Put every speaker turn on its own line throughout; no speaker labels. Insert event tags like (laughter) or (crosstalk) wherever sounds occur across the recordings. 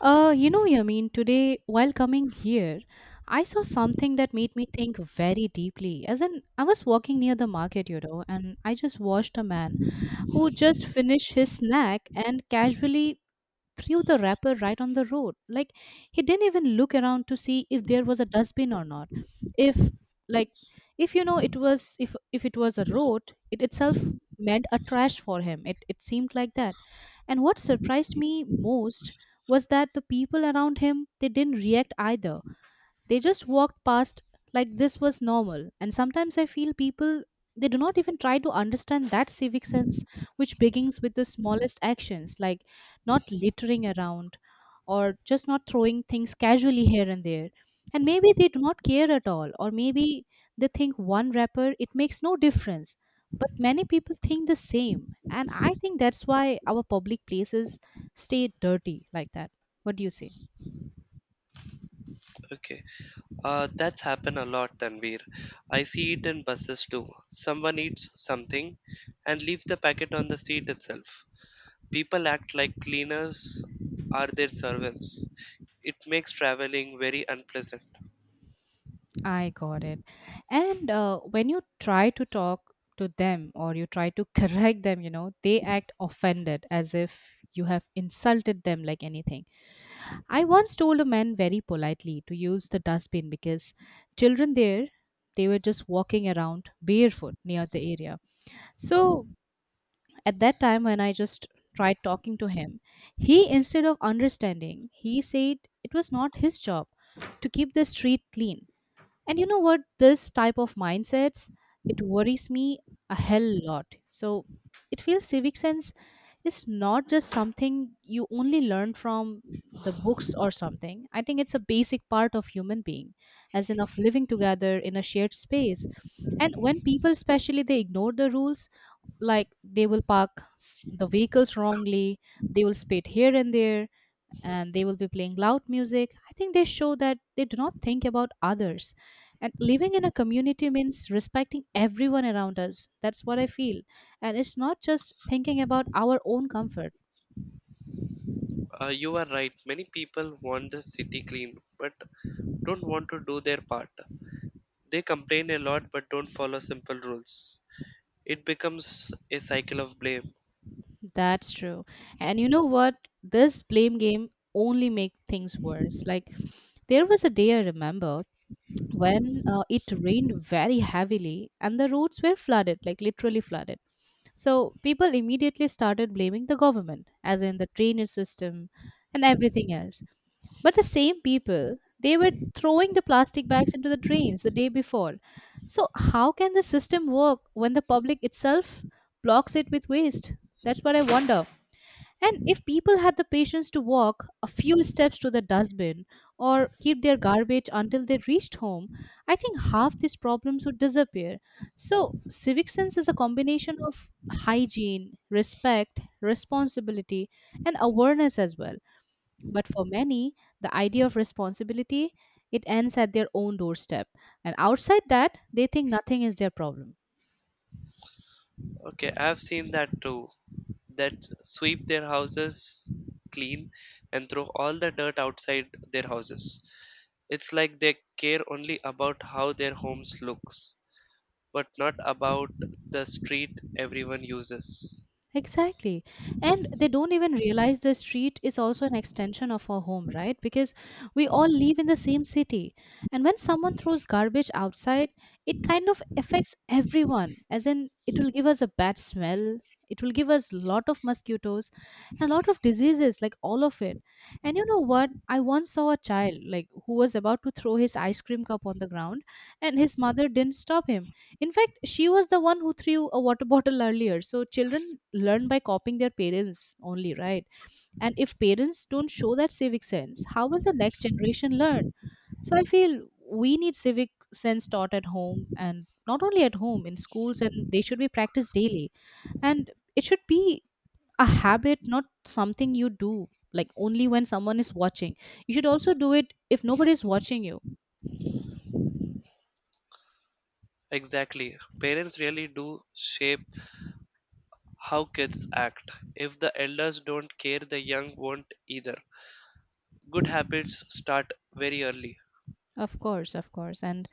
Yamin, today while coming here, I saw something that made me think very deeply. As in, I was walking near the market, and I just watched a man who just finished his snack and casually threw the wrapper right on the road. Like, he didn't even look around to see if there was a dustbin or not. If, like, if it was if it was a road, it itself meant a trash for him. It seemed like that. And what surprised me most was that the people around him, they didn't react either. They just walked past like this was normal. And sometimes I feel people they do not even try to understand that civic sense, which begins with the smallest actions like not littering around or just not throwing things casually here and there. And maybe they do not care at all, or maybe they think one wrapper, it makes no difference. But many people think the same. And I think that's why our public places stay dirty like that. What do you say?
Okay, that's happened a lot, Tanvir. I see it in buses too. Someone eats something and leaves the packet on the seat itself. People act like cleaners are their servants. It makes traveling very unpleasant.
I got it. And when you try to talk to them or you try to (laughs) correct them, they act offended as if you have insulted them like anything. I once told a man very politely to use the dustbin because children there, they were just walking around barefoot near the area. So at that time, when I just tried talking to him, he, instead of understanding, he said it was not his job to keep the street clean. And you know what? This type of mindsets, it worries me a hell lot. So it feels civic sense is not just something you only learn from the books or something. I think it's a basic part of human being, as in of living together in a shared space. And when people, especially, they ignore the rules, like they will park the vehicles wrongly, they will spit here and there, and they will be playing loud music. I think they show that they do not think about others. And living in a community means respecting everyone around us. That's what I feel. And it's not just thinking about our own comfort.
You are right, many people want the city clean, but don't want to do their part. They complain a lot but don't follow simple rules. It becomes a cycle of blame.
That's true. And you know what? This blame game only makes things worse. Like there was a day I remember when it rained very heavily and the roads were flooded, like literally flooded. So people immediately started blaming the government, as in the drainage system and everything else. But the same people, they were throwing the plastic bags into the drains the day before. So how can the system work when the public itself blocks it with waste? That's what I wonder. And if people had the patience to walk a few steps to the dustbin or keep their garbage until they reached home, I think half these problems would disappear. So, civic sense is a combination of hygiene, respect, responsibility, and awareness as well. But for many, the idea of responsibility, it ends at their own doorstep, and outside that, they think nothing is their problem.
Okay, I've seen that too. That sweep their houses clean and throw all the dirt outside their houses. It's like they care only about how their homes looks, but not about the street everyone uses.
Exactly. And they don't even realize the street is also an extension of our home, right? Because we all live in the same city. And when someone throws garbage outside, it kind of affects everyone. As in, it will give us a bad smell. It will give us lot of mosquitoes and a lot of diseases, like all of it. And you know what? I once saw a child like who was about to throw his ice cream cup on the ground and his mother didn't stop him. In fact, she was the one who threw a water (laughs) bottle earlier. So children learn by copying their parents only, right? And if parents don't show that civic sense, how will the next generation learn? So I feel we need civic sense taught at home and not only at home, in schools, and they should be practiced daily. And it should be a habit, not something you do like only when someone is watching. You should also do it if nobody is watching you.
Exactly. Parents really do shape how kids act. If the elders don't care, the young won't either. Good habits start very early.
Of course, of course. And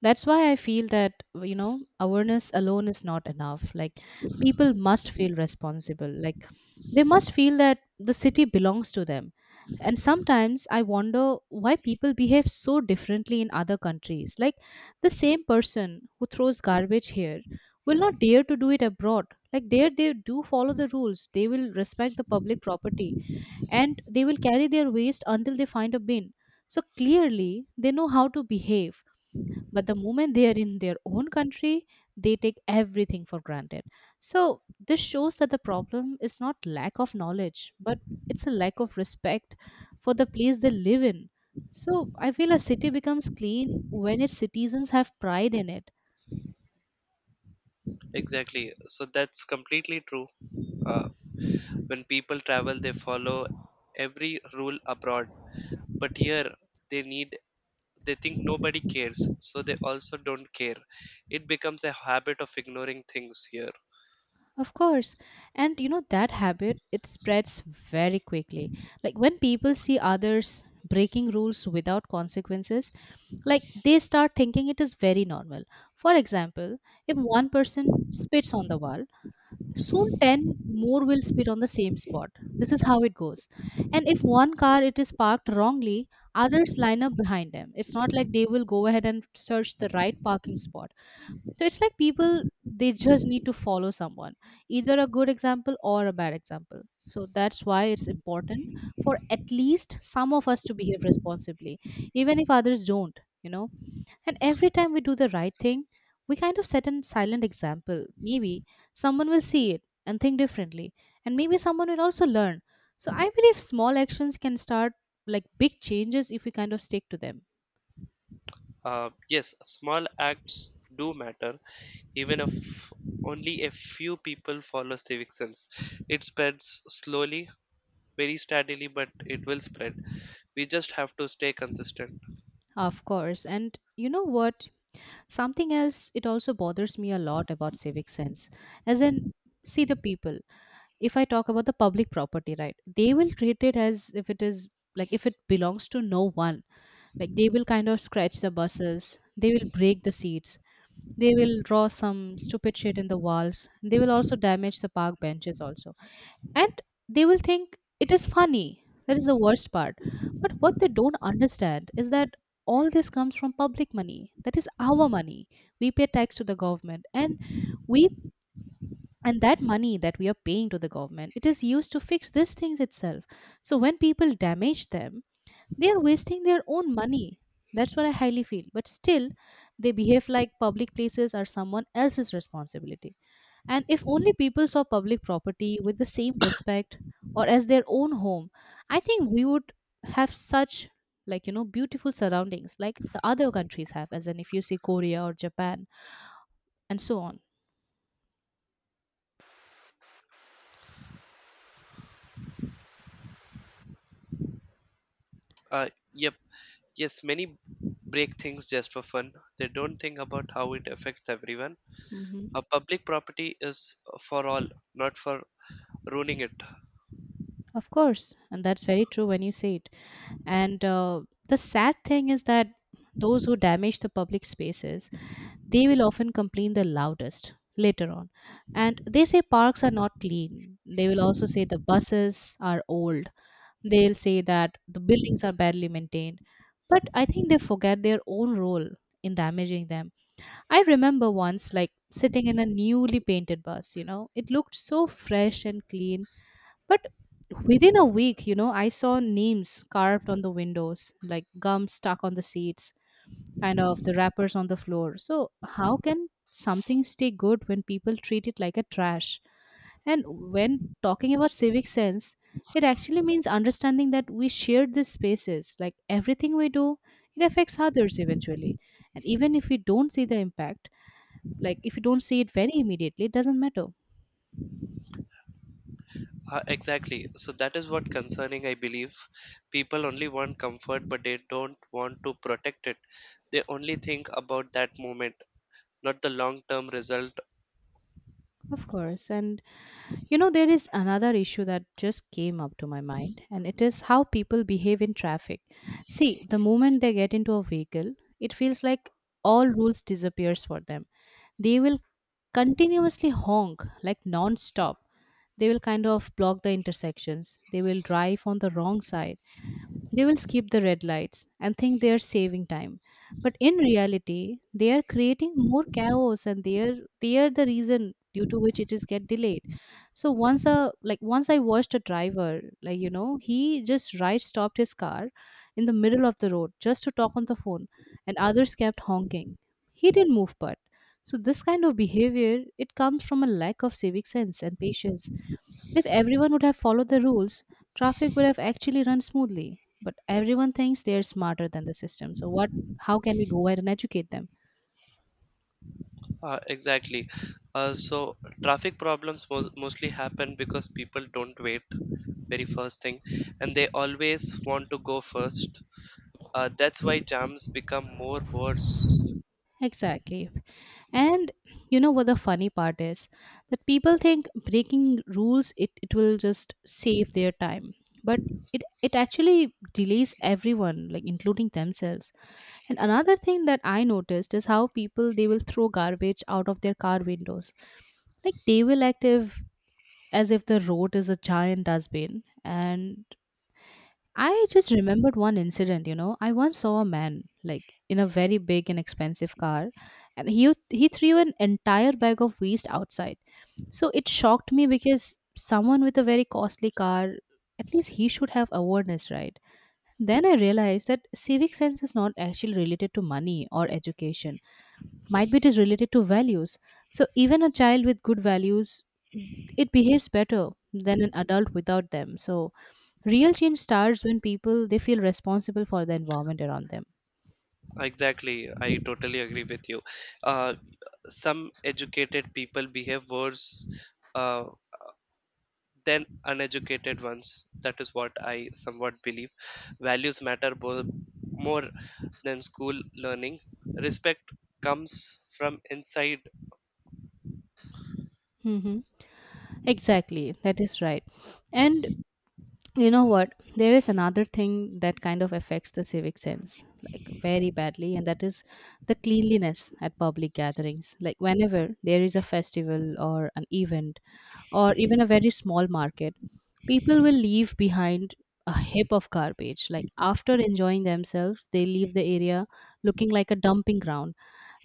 that's why I feel that awareness alone is not enough. Like, people must feel responsible. Like, they must feel that the city belongs to them. And sometimes I wonder why people behave so differently in other countries. Like, the same person who throws garbage here will not dare to do it abroad. Like, there they do follow the rules, they will respect the public property and they will carry their waste until they find a bin. So clearly, they know how to behave. But the moment they are in their own country, they take everything for granted. So this shows that the problem is not lack of knowledge, but it's a lack of respect for the place they live in. So I feel a city becomes clean when its citizens have pride in it.
Exactly. So that's completely true. Uh, When people travel, they follow every rule abroad, but here they need they think nobody cares, so they also don't care. It becomes a habit of ignoring things here.
Of course. And you know that habit, it spreads very quickly. Like when people see others breaking rules without consequences, like they start thinking it is very normal. For example, if one person spits on the wall, soon 10 more will spit on the same spot. This is how it goes. And if one car it is parked wrongly, others line up behind them. It's not like they will go ahead and search the right parking spot. So it's like people they just need to follow someone, either a good example or a bad example. So that's why it's important for at least some of us to behave responsibly, even if others don't, you know. And every time we do the right thing, we kind of set a silent example. Maybe someone will see it and think differently, and maybe someone will also learn. So I believe small actions can start like big changes if we kind of stick to them.
Yes, small acts do matter, even if only a few people follow civic sense. It spreads slowly, very steadily, but it will spread. We just have to stay consistent.
Of course. And you know what? Something else, it also bothers me a lot about civic sense. As in, see the people. If I talk about the public property, right, they will treat it as if it is, like, if it belongs to no one. Like they will kind of scratch the buses, they will break the seats, they will draw some stupid shit in the walls, they will also damage the park benches also, and they will think it is funny. That is the worst part. But what they don't understand is that all this comes from public money. That is our money. We pay tax to the government, and we, and that money that we are paying to the government, it is used to fix these things itself. So when people damage them, they are wasting their own money. That's what I highly feel. But still, they behave like public places are someone else's responsibility. And if only people saw public property with the same respect or as their own home, I think we would have such, like beautiful surroundings like the other countries have, as in if you see Korea or Japan and so on.
Yeah, Yes, many break things just for fun. They don't think about how it affects everyone.
Hmm.
A public property is for all, not for ruining it.
Of course. And that's very true when you say it. And the sad thing is that those who damage the public spaces, they will often complain the loudest later on, and they say parks are not clean, they will also say the buses are old. They'll say that the buildings are badly maintained, but I think they forget their own role in damaging them. I remember once, sitting in a newly painted bus, it looked so fresh and clean, but within a week, I saw names carved on the windows, like gum stuck on the seats, kind of the wrappers on the floor. So, how can something stay good when people treat it like a trash? And when talking about civic sense, it actually means understanding that we share these spaces. Like everything we do, it affects others eventually. And even if we don't see the impact, like if you don't see it very immediately, it doesn't matter.
Exactly. So that is what concerning I believe. People only want comfort but they don't want to protect it. They only think about that moment, not the long-term result.
Of course. And you know, there is another issue that just came up to my mind, and it is how people behave in traffic. See, the moment they get into a vehicle, it feels like all rules disappears for them. They will continuously honk, like, non-stop. They will kind of block the intersections. They will drive on the wrong side. They will skip the red lights and think they are saving time, but in reality they are creating more chaos, and they are the reason due to which it is get delayed. So once a like once I watched a driver, like, he just right stopped his car in the middle of the road just to talk on the phone. And others kept honking. He didn't move, but so this kind of behavior it comes from a lack of civic sense and patience. If everyone would have followed the rules, traffic would have actually run smoothly. But everyone thinks they're smarter than the system. So what How can we go ahead and educate them?
Exactly. So traffic problems mostly happen because people don't wait very first thing and they always want to go first. That's why jams become more worse.
Exactly. And you know what the funny part is? That people think breaking rules it will just save their time. But it actually delays everyone, like, including themselves. And another thing that I noticed is how people they will throw garbage out of their car windows, like, they will act if as if the road is a giant dustbin. And I just remembered one incident, you know. I once saw a man, like, in a very big and expensive car, and he threw an entire bag of waste outside. So it shocked me, because someone with a very costly car, at least he should have awareness, right? Then I realized that civic sense is not actually related to money or education. Might be it is related to values. So even a child with good values, it behaves better than an adult without them. So real change starts when people they feel responsible for the environment around them.
Exactly, I totally agree with you. Uh, some educated people behave worse uh, than uneducated ones. That is what I somewhat believe. Values matter more than school learning. Respect comes from inside.
Hmm. Exactly, that is right. And you know what, there is another thing that kind of affects the civic sense, like, very badly, and that is the cleanliness at public gatherings. Like, whenever there is a festival or an event or even a very small market, people will leave behind a heap of garbage. Like, after enjoying themselves, they leave the area looking like a dumping ground,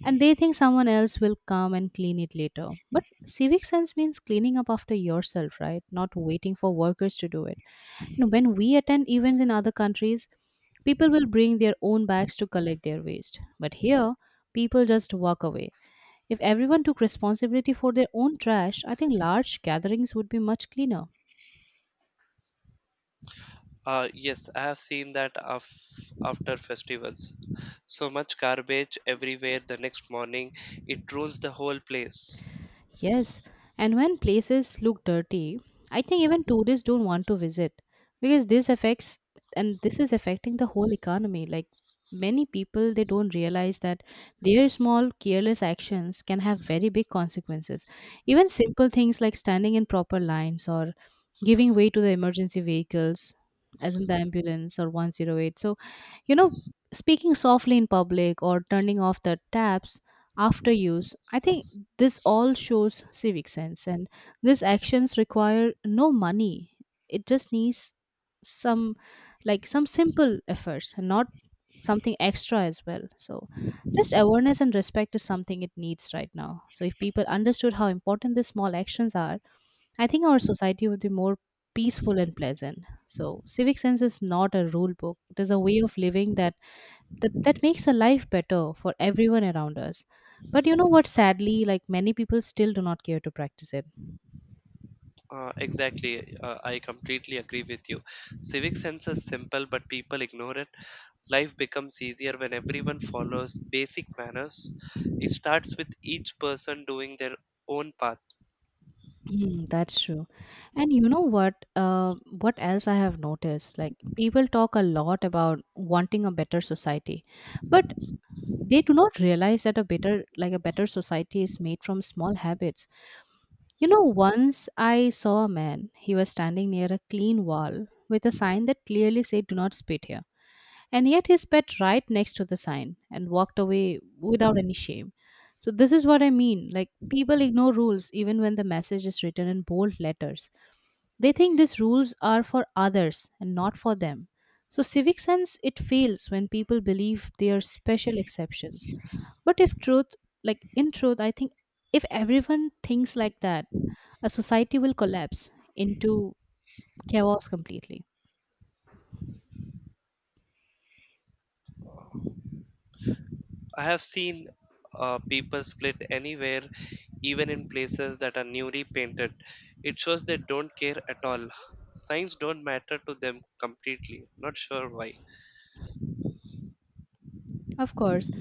and they think someone else will come and clean it later. But civic sense means cleaning up after yourself, right? Not waiting for workers to do it. And when we attend events in other countries, people will bring their own bags to collect their waste. But here, people just walk away. If everyone took responsibility for their own trash, I think large gatherings would be much cleaner.
Yes, I have seen that after festivals. So much garbage everywhere the next morning. It ruins the whole place.
Yes, and when places look dirty, I think even tourists don't want to visit, because this affects and this is affecting the whole economy. Like, many people, they don't realize that their small careless actions can have very big consequences. Even simple things like standing in proper lines or giving way to the emergency vehicles, as in the ambulance or 108. So, you know, speaking softly in public or turning off the taps after use, I think this all shows civic sense, and these actions require no money. It just needs some, like, some simple efforts and not something extra as well. So just awareness and respect is something it needs right now. So if people understood how important these small actions are, I think our society would be more peaceful and pleasant. So civic sense is not a rule book. It is a way of living that makes a life better for everyone around us. But you know what, sadly, like, many people still do not care to practice it.
Exactly. I completely agree with you. Civic sense is simple, but people ignore it. Life becomes easier when everyone follows basic manners. It starts with each person doing their own path.
Mm, that's true. And you know what? What else I have noticed? Like, people talk a lot about wanting a better society, but they do not realize that a better society is made from small habits. You know, once I saw a man. He was standing near a clean wall with a sign that clearly said, "Do not spit here." And yet he spat right next to the sign and walked away without any shame. So, this is what I mean. Like, people ignore rules even when the message is written in bold letters. They think these rules are for others and not for them. So, civic sense it fails when people believe they are special exceptions. But if truth, like in truth, I think if everyone thinks like that, a society will collapse into chaos completely.
I have seen people split anywhere, even in places that are newly painted. It shows they don't care at all. Signs don't matter to them completely. Not sure why.
Of course.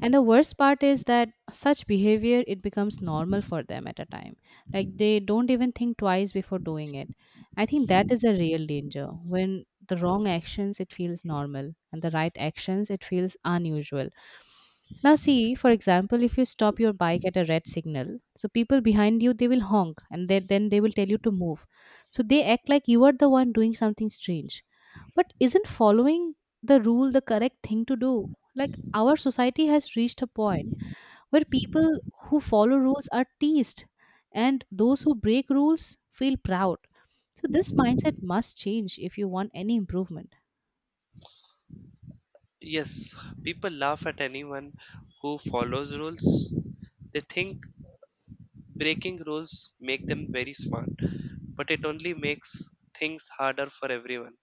And the worst part is that such behavior it becomes normal for them at a time. Like, they don't even think twice before doing it. I think that is a real danger, when the wrong actions it feels normal and the right actions it feels unusual. Now see, for example, if you stop your bike at a red signal, so people behind you they will honk, and then they will tell you to move. So they act like you are the one doing something strange, but isn't following the rule the correct thing to do? Like, our society has reached a point where people who follow rules are teased, and those who break rules feel proud. So, this mindset must change if you want any improvement.
Yes, people laugh at anyone who follows rules. They think breaking rules make them very smart, but it only makes things harder for everyone.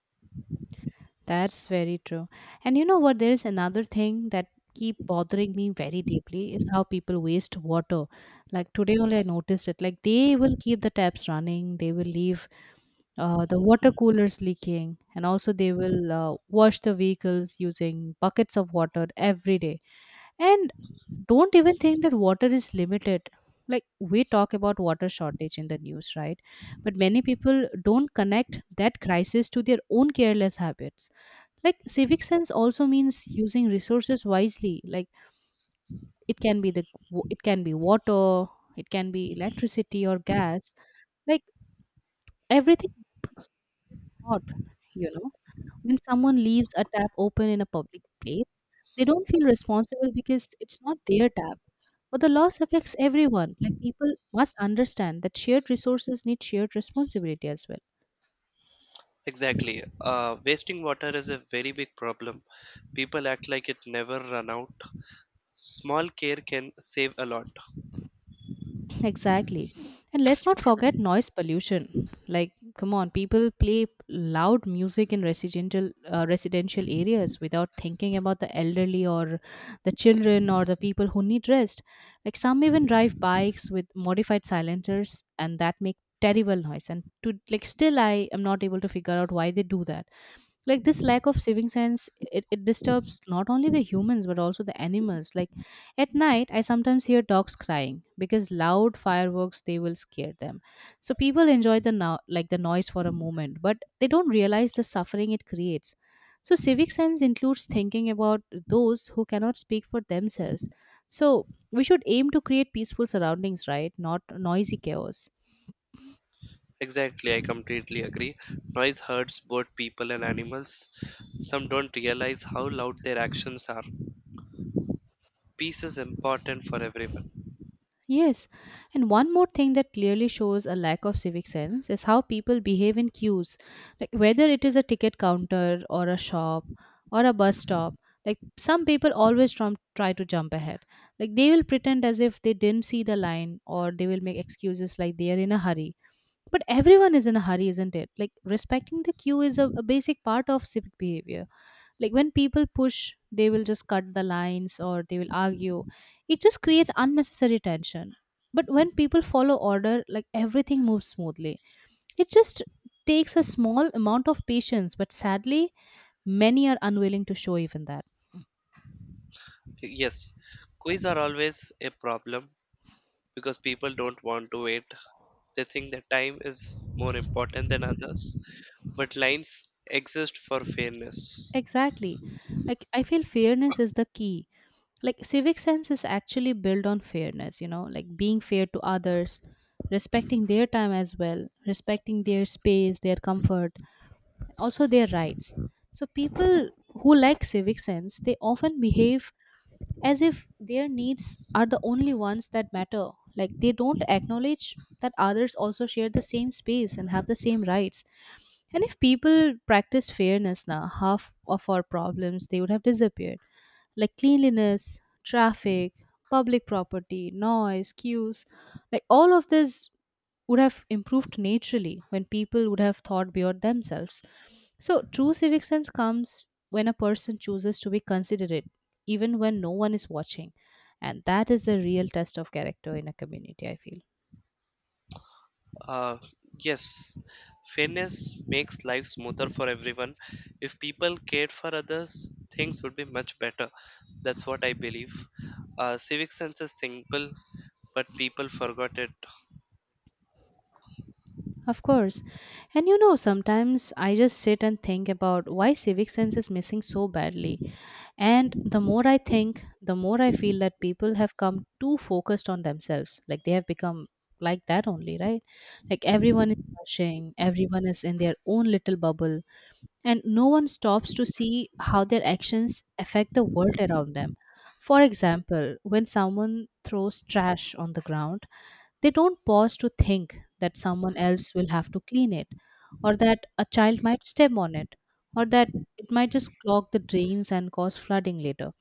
That's very true. And you know what? There is another thing that keep bothering me very deeply, is how people waste water. Like, today only I noticed it. Like, they will keep the taps running, they will leave the water coolers leaking, and also they will wash the vehicles using buckets of water every day. And don't even think that water is limited. Like, we talk about water shortage in the news, right? But many people don't connect that crisis to their own careless habits. Like, civic sense also means using resources wisely. Like, it can be the it can be water, it can be electricity or gas, like, everything bought, you know. When someone leaves a tap open in a public place, they don't feel responsible because it's not their tap. But the loss affects everyone. Like, people must understand that shared resources need shared responsibility as well.
Exactly. Wasting water is a very big problem. People act like it never run out. Small care can save a lot.
Exactly. And let's not forget noise pollution. Like, come on, people play loud music in residential areas without thinking about the elderly or the children or the people who need rest. Like, some even drive bikes with modified silencers, and that make terrible noise. And still, I am not able to figure out why they do that. Like, this lack of saving sense it disturbs not only the humans but also the animals. Like, at night I sometimes hear dogs crying because loud fireworks they will scare them. So people enjoy the no- like the noise for a moment, but they don't realize the suffering it creates. So civic sense includes thinking about those who cannot speak for themselves. So we should aim to create peaceful surroundings, right, not noisy chaos.
Exactly, I completely agree. Noise hurts both people and animals. Some don't realize how loud their actions are. Peace is important for everyone.
Yes, and one more thing that clearly shows a lack of civic sense is how people behave in queues. Like, whether it is a ticket counter or a shop or a bus stop, like, some people always try to jump ahead. Like, they will pretend as if they didn't see the line, or they will make excuses like they are in a hurry. But everyone is in a hurry, isn't it? Like, respecting the queue is a basic part of civic behavior. Like, when people push, they will just cut the lines, or they will argue, it just creates unnecessary tension. But when people follow order, like, everything moves smoothly. It just takes a small amount of patience, but sadly many are unwilling to show even that.
Yes, quiz are always a problem because people don't want to wait. They think that time is more important than others, but lines exist for fairness.
Exactly. Like, I feel fairness is the key. Like, civic sense is actually built on fairness, you know, like being fair to others, respecting their time as well, respecting their space, their comfort, also their rights. So people who lack civic sense, they often behave as if their needs are the only ones that matter. Like, they don't acknowledge that others also share the same space and have the same rights. And if people practice fairness now, half of our problems they would have disappeared. Like, cleanliness, traffic, public property, noise, queues, like, all of this would have improved naturally when people would have thought beyond themselves. So, true civic sense comes when a person chooses to be considerate, even when no one is watching. And that is the real test of character in a community, I feel.
Uh, yes, fairness makes life smoother for everyone. If people cared for others, things would be much better. That's what I believe. Civic sense is simple, but people forgot it.
Of course. And you know, sometimes I just sit and think about why civic sense is missing so badly. And the more I think, the more I feel that people have come too focused on themselves. Like, they have become like that only, right? Like, everyone is rushing, everyone is in their own little bubble, and no one stops to see how their actions affect the world around them. For example, when someone throws trash on the ground, they don't pause to think that someone else will have to clean it, or that a child might step on it, or that it might just clog the drains and cause flooding later.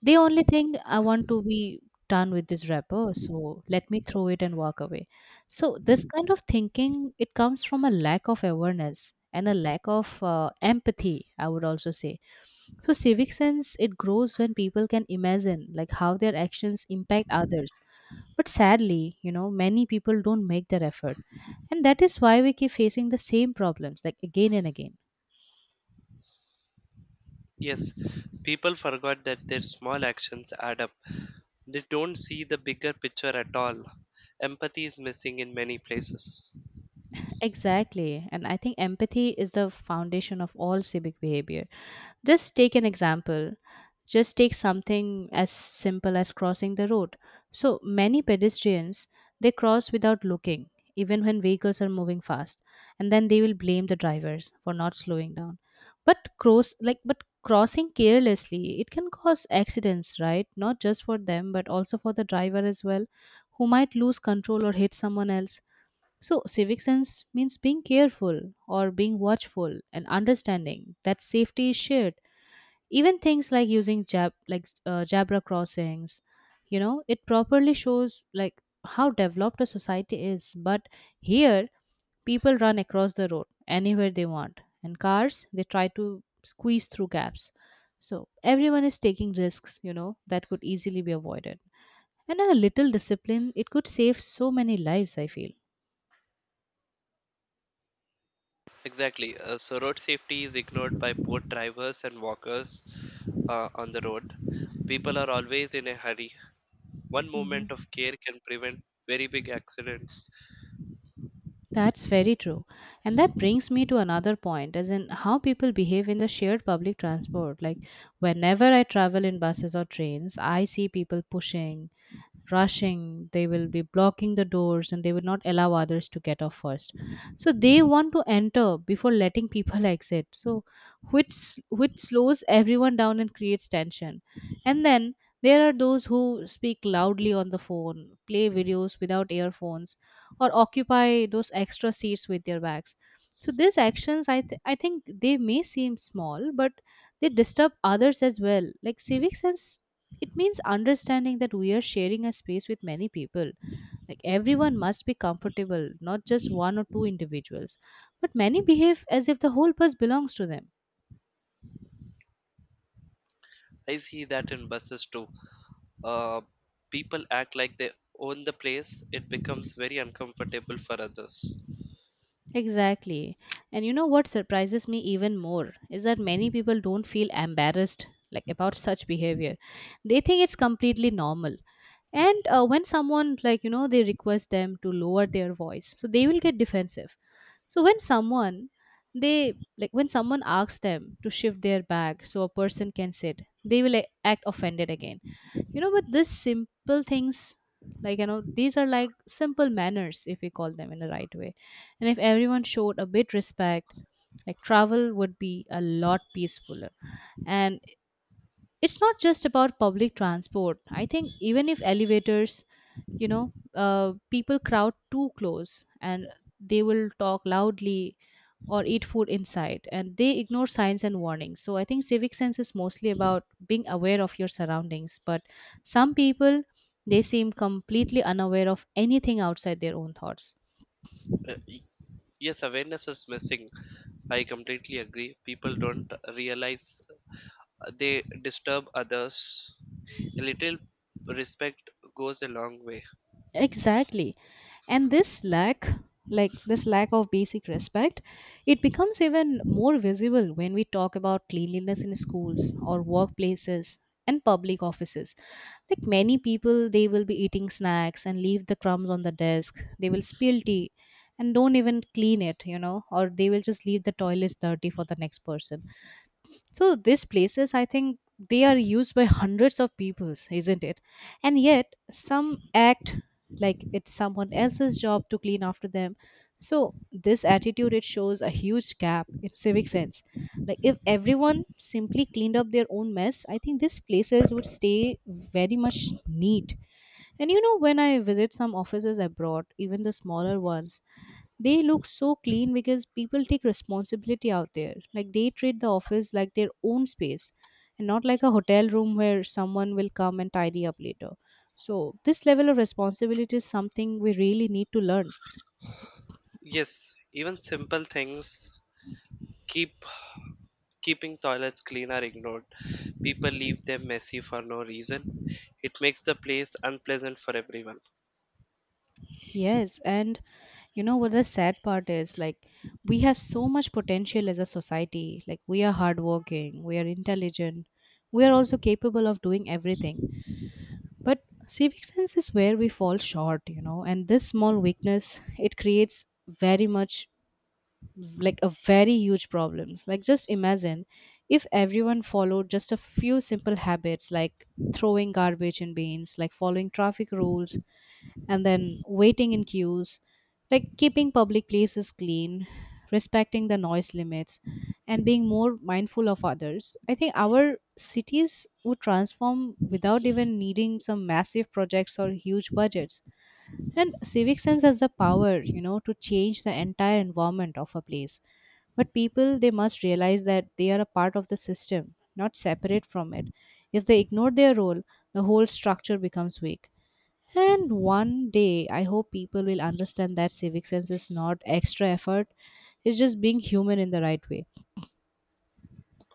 The only thing I want to be done with this wrapper, so let me throw it and walk away. So this kind of thinking it comes from a lack of awareness and a lack of empathy, I would also say. So civic sense it grows when people can imagine like how their actions impact others. But sadly, many people don't make that effort. And that is why we keep facing the same problems like again and again.
Yes, people forgot that their small actions add up. They don't see the bigger picture at all. Empathy is missing in many places.
Exactly. And I think empathy is the foundation of all civic behavior. Just take an example. Just take something as simple as crossing the road. So many pedestrians they cross without looking, even when vehicles are moving fast, and then they will blame the drivers for not slowing down. But crossing carelessly it can cause accidents, right? Not just for them, but also for the driver as well, who might lose control or hit someone else. So, civic sense means being careful or being watchful and understanding that safety is shared, even things like using jabra crossings, it properly shows like how developed a society is. But here people run across the road anywhere they want, and cars they try to squeeze through gaps. So everyone is taking risks, that could easily be avoided. And a little discipline it could save so many lives, I feel.
Exactly. So road safety is ignored by both drivers and walkers on the road. People are always in a hurry. One
Mhm.
moment of care can prevent very big accidents.
That's very true. And that brings me to another point, as in how people behave in the shared public transport. Like, whenever I travel in buses or trains, I see people pushing, rushing they will be blocking the doors, and they will not allow others to get off first. So they want to enter before letting people (laughs) exit. So which which slows everyone down and creates tension. And then there are those who speak loudly on the phone, play videos without earphones, or occupy those extra seats with their bags. So these actions I think they may seem small, but they disturb others as well. Like civic sense, it means understanding that we are sharing a space with many people. Like everyone must be comfortable, not just one or two individuals, but many behave as if the whole bus belongs to them.
I see that in buses too. Uh, People act like they own the place, it becomes very uncomfortable for others.
Exactly. And you know what surprises me even more is that many people don't feel embarrassed like about such behavior. They think it's completely normal. And when someone they request them to lower their voice, so they will get defensive. So when someone they like when someone asks them to shift their bag so a person can sit, they will, act offended again. You know, but these simple things, these are like simple manners if we call them in the right way. And if everyone showed a bit respect, like travel would be a lot peacefuller. And it's not just about public transport. I think even if elevators, people crowd too close, and they will talk loudly or eat food inside, and they ignore signs and warnings. So I think civic sense is mostly about being aware of your surroundings, but some people they seem completely unaware of anything outside their own thoughts.
Uh, y- yes, awareness is missing. I completely agree. People don't realize they disturb others. A little respect goes a long way.
Exactly. And this lack of basic respect, it becomes even more visible when we talk about cleanliness in schools or workplaces and public offices. Like many people, they will be eating snacks and leave the crumbs on the desk, they will spill tea and don't even clean it, or they will just leave the toilets dirty for the next person. So these places, I think they are used by hundreds of peoples, isn't it? And yet some act like it's someone else's job to clean after them. So this attitude it shows a huge gap in civic sense. Like if everyone simply cleaned up their own mess, I think these places would stay very much neat. And you know, when I visit some offices abroad, even the smaller ones, they look so clean because people take responsibility out there. Like they treat the office like their own space and not like a hotel room where someone will come and tidy up later. So, this level of responsibility is something we really need to learn.
Yes, even simple things keep keeping toilets clean are ignored. People leave them messy for no reason. It makes the place unpleasant for everyone.
Yes, and you know what the sad part is, like we have so much potential as a society. Like we are hardworking, we are intelligent, we are also capable of doing everything, but civic sense is where we fall short, and this small weakness it creates very much like a very huge problems. Like just imagine if everyone followed just a few simple habits, like throwing garbage in bins, like following traffic rules, and then waiting in queues, like keeping public places clean, respecting the noise limits, and being more mindful of others. I think our cities would transform without even needing some massive projects or huge budgets. And civic sense has the power to change the entire environment of a place. But people, they must realize that they are a part of the system, not separate from it. If they ignore their role, the whole structure becomes weak. And one day, I hope people will understand that civic sense is not extra effort, it's just being human in the right way.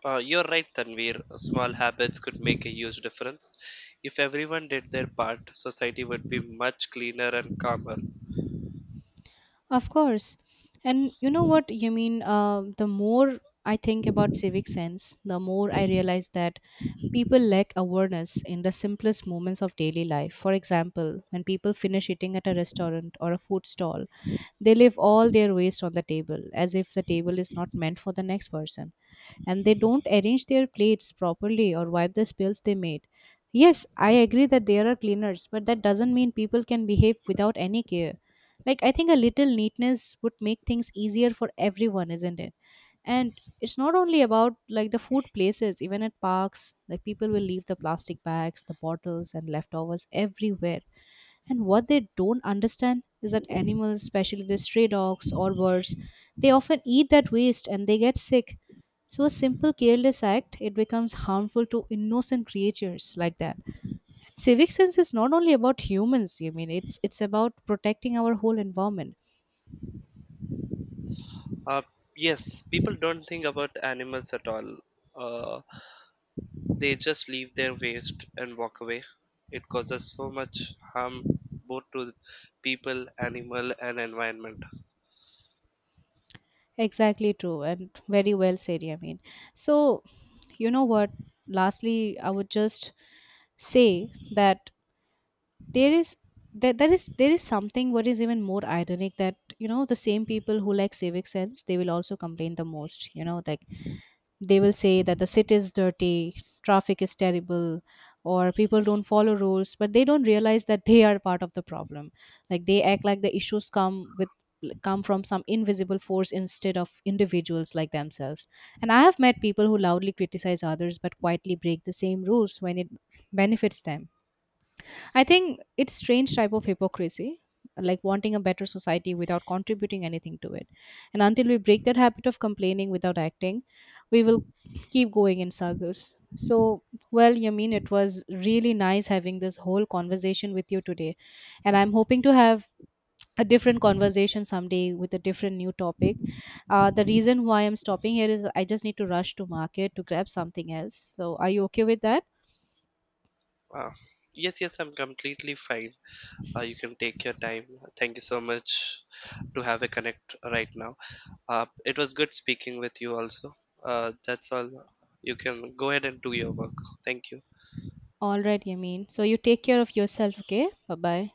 You're right, Tanvir. Small habits could make a huge difference. If everyone did their part, society would be much cleaner and calmer.
Of course. And you know what? The more I think about civic sense, the more I realize that people lack awareness in the simplest moments of daily life. For example, when people finish eating at a restaurant or a food stall, they leave all their waste on the table, as if the table is not meant for the next person. And they don't arrange their plates properly or wipe the spills they made. Yes, I agree that there are cleaners, but that doesn't mean people can behave without any care. Like, I think a little neatness would make things easier for everyone, isn't it? And it's not only about like the food places. Even at parks, like people will leave the plastic bags, the bottles, and leftovers everywhere. And what they don't understand is that animals, especially the stray dogs or birds, they often eat that waste and they get sick. So a simple careless act, it becomes harmful to innocent creatures like that. Civic sense is not only about humans, you mean it's about protecting our whole environment.
Uh, yes, people don't think about animals at all. Uh, they just leave their waste and walk away. It causes so much harm both to people, animal, and environment.
Exactly true, and very well said, I mean. So, you know what? Lastly, I would just say that there is there is something what is even more ironic, that you know the same people who like civic sense, they will also complain the most. They will say that the city is dirty, traffic is terrible, or people don't follow rules, but they don't realize that they are part of the problem. Like they act like the issues come from some invisible force instead of individuals like themselves. And I have met people who loudly criticize others but quietly break the same rules when it benefits them. I think it's strange type of hypocrisy, like wanting a better society without contributing anything to it. And until we break that habit of complaining without acting, we will keep going in circles. So, well, Yamin, it was really nice having this whole conversation with you today. And I'm hoping to have a different conversation someday with a different new topic. The reason why I'm stopping here is I just need to rush to market to grab something else. So, are you okay with that?
Uh, yes, I'm completely fine. You can take your time. Thank you so much to have a connect right now. It was good speaking with you also. That's all. You can go ahead and do your work. Thank you.
All right, Yameen. So you take care of yourself, okay? Bye bye.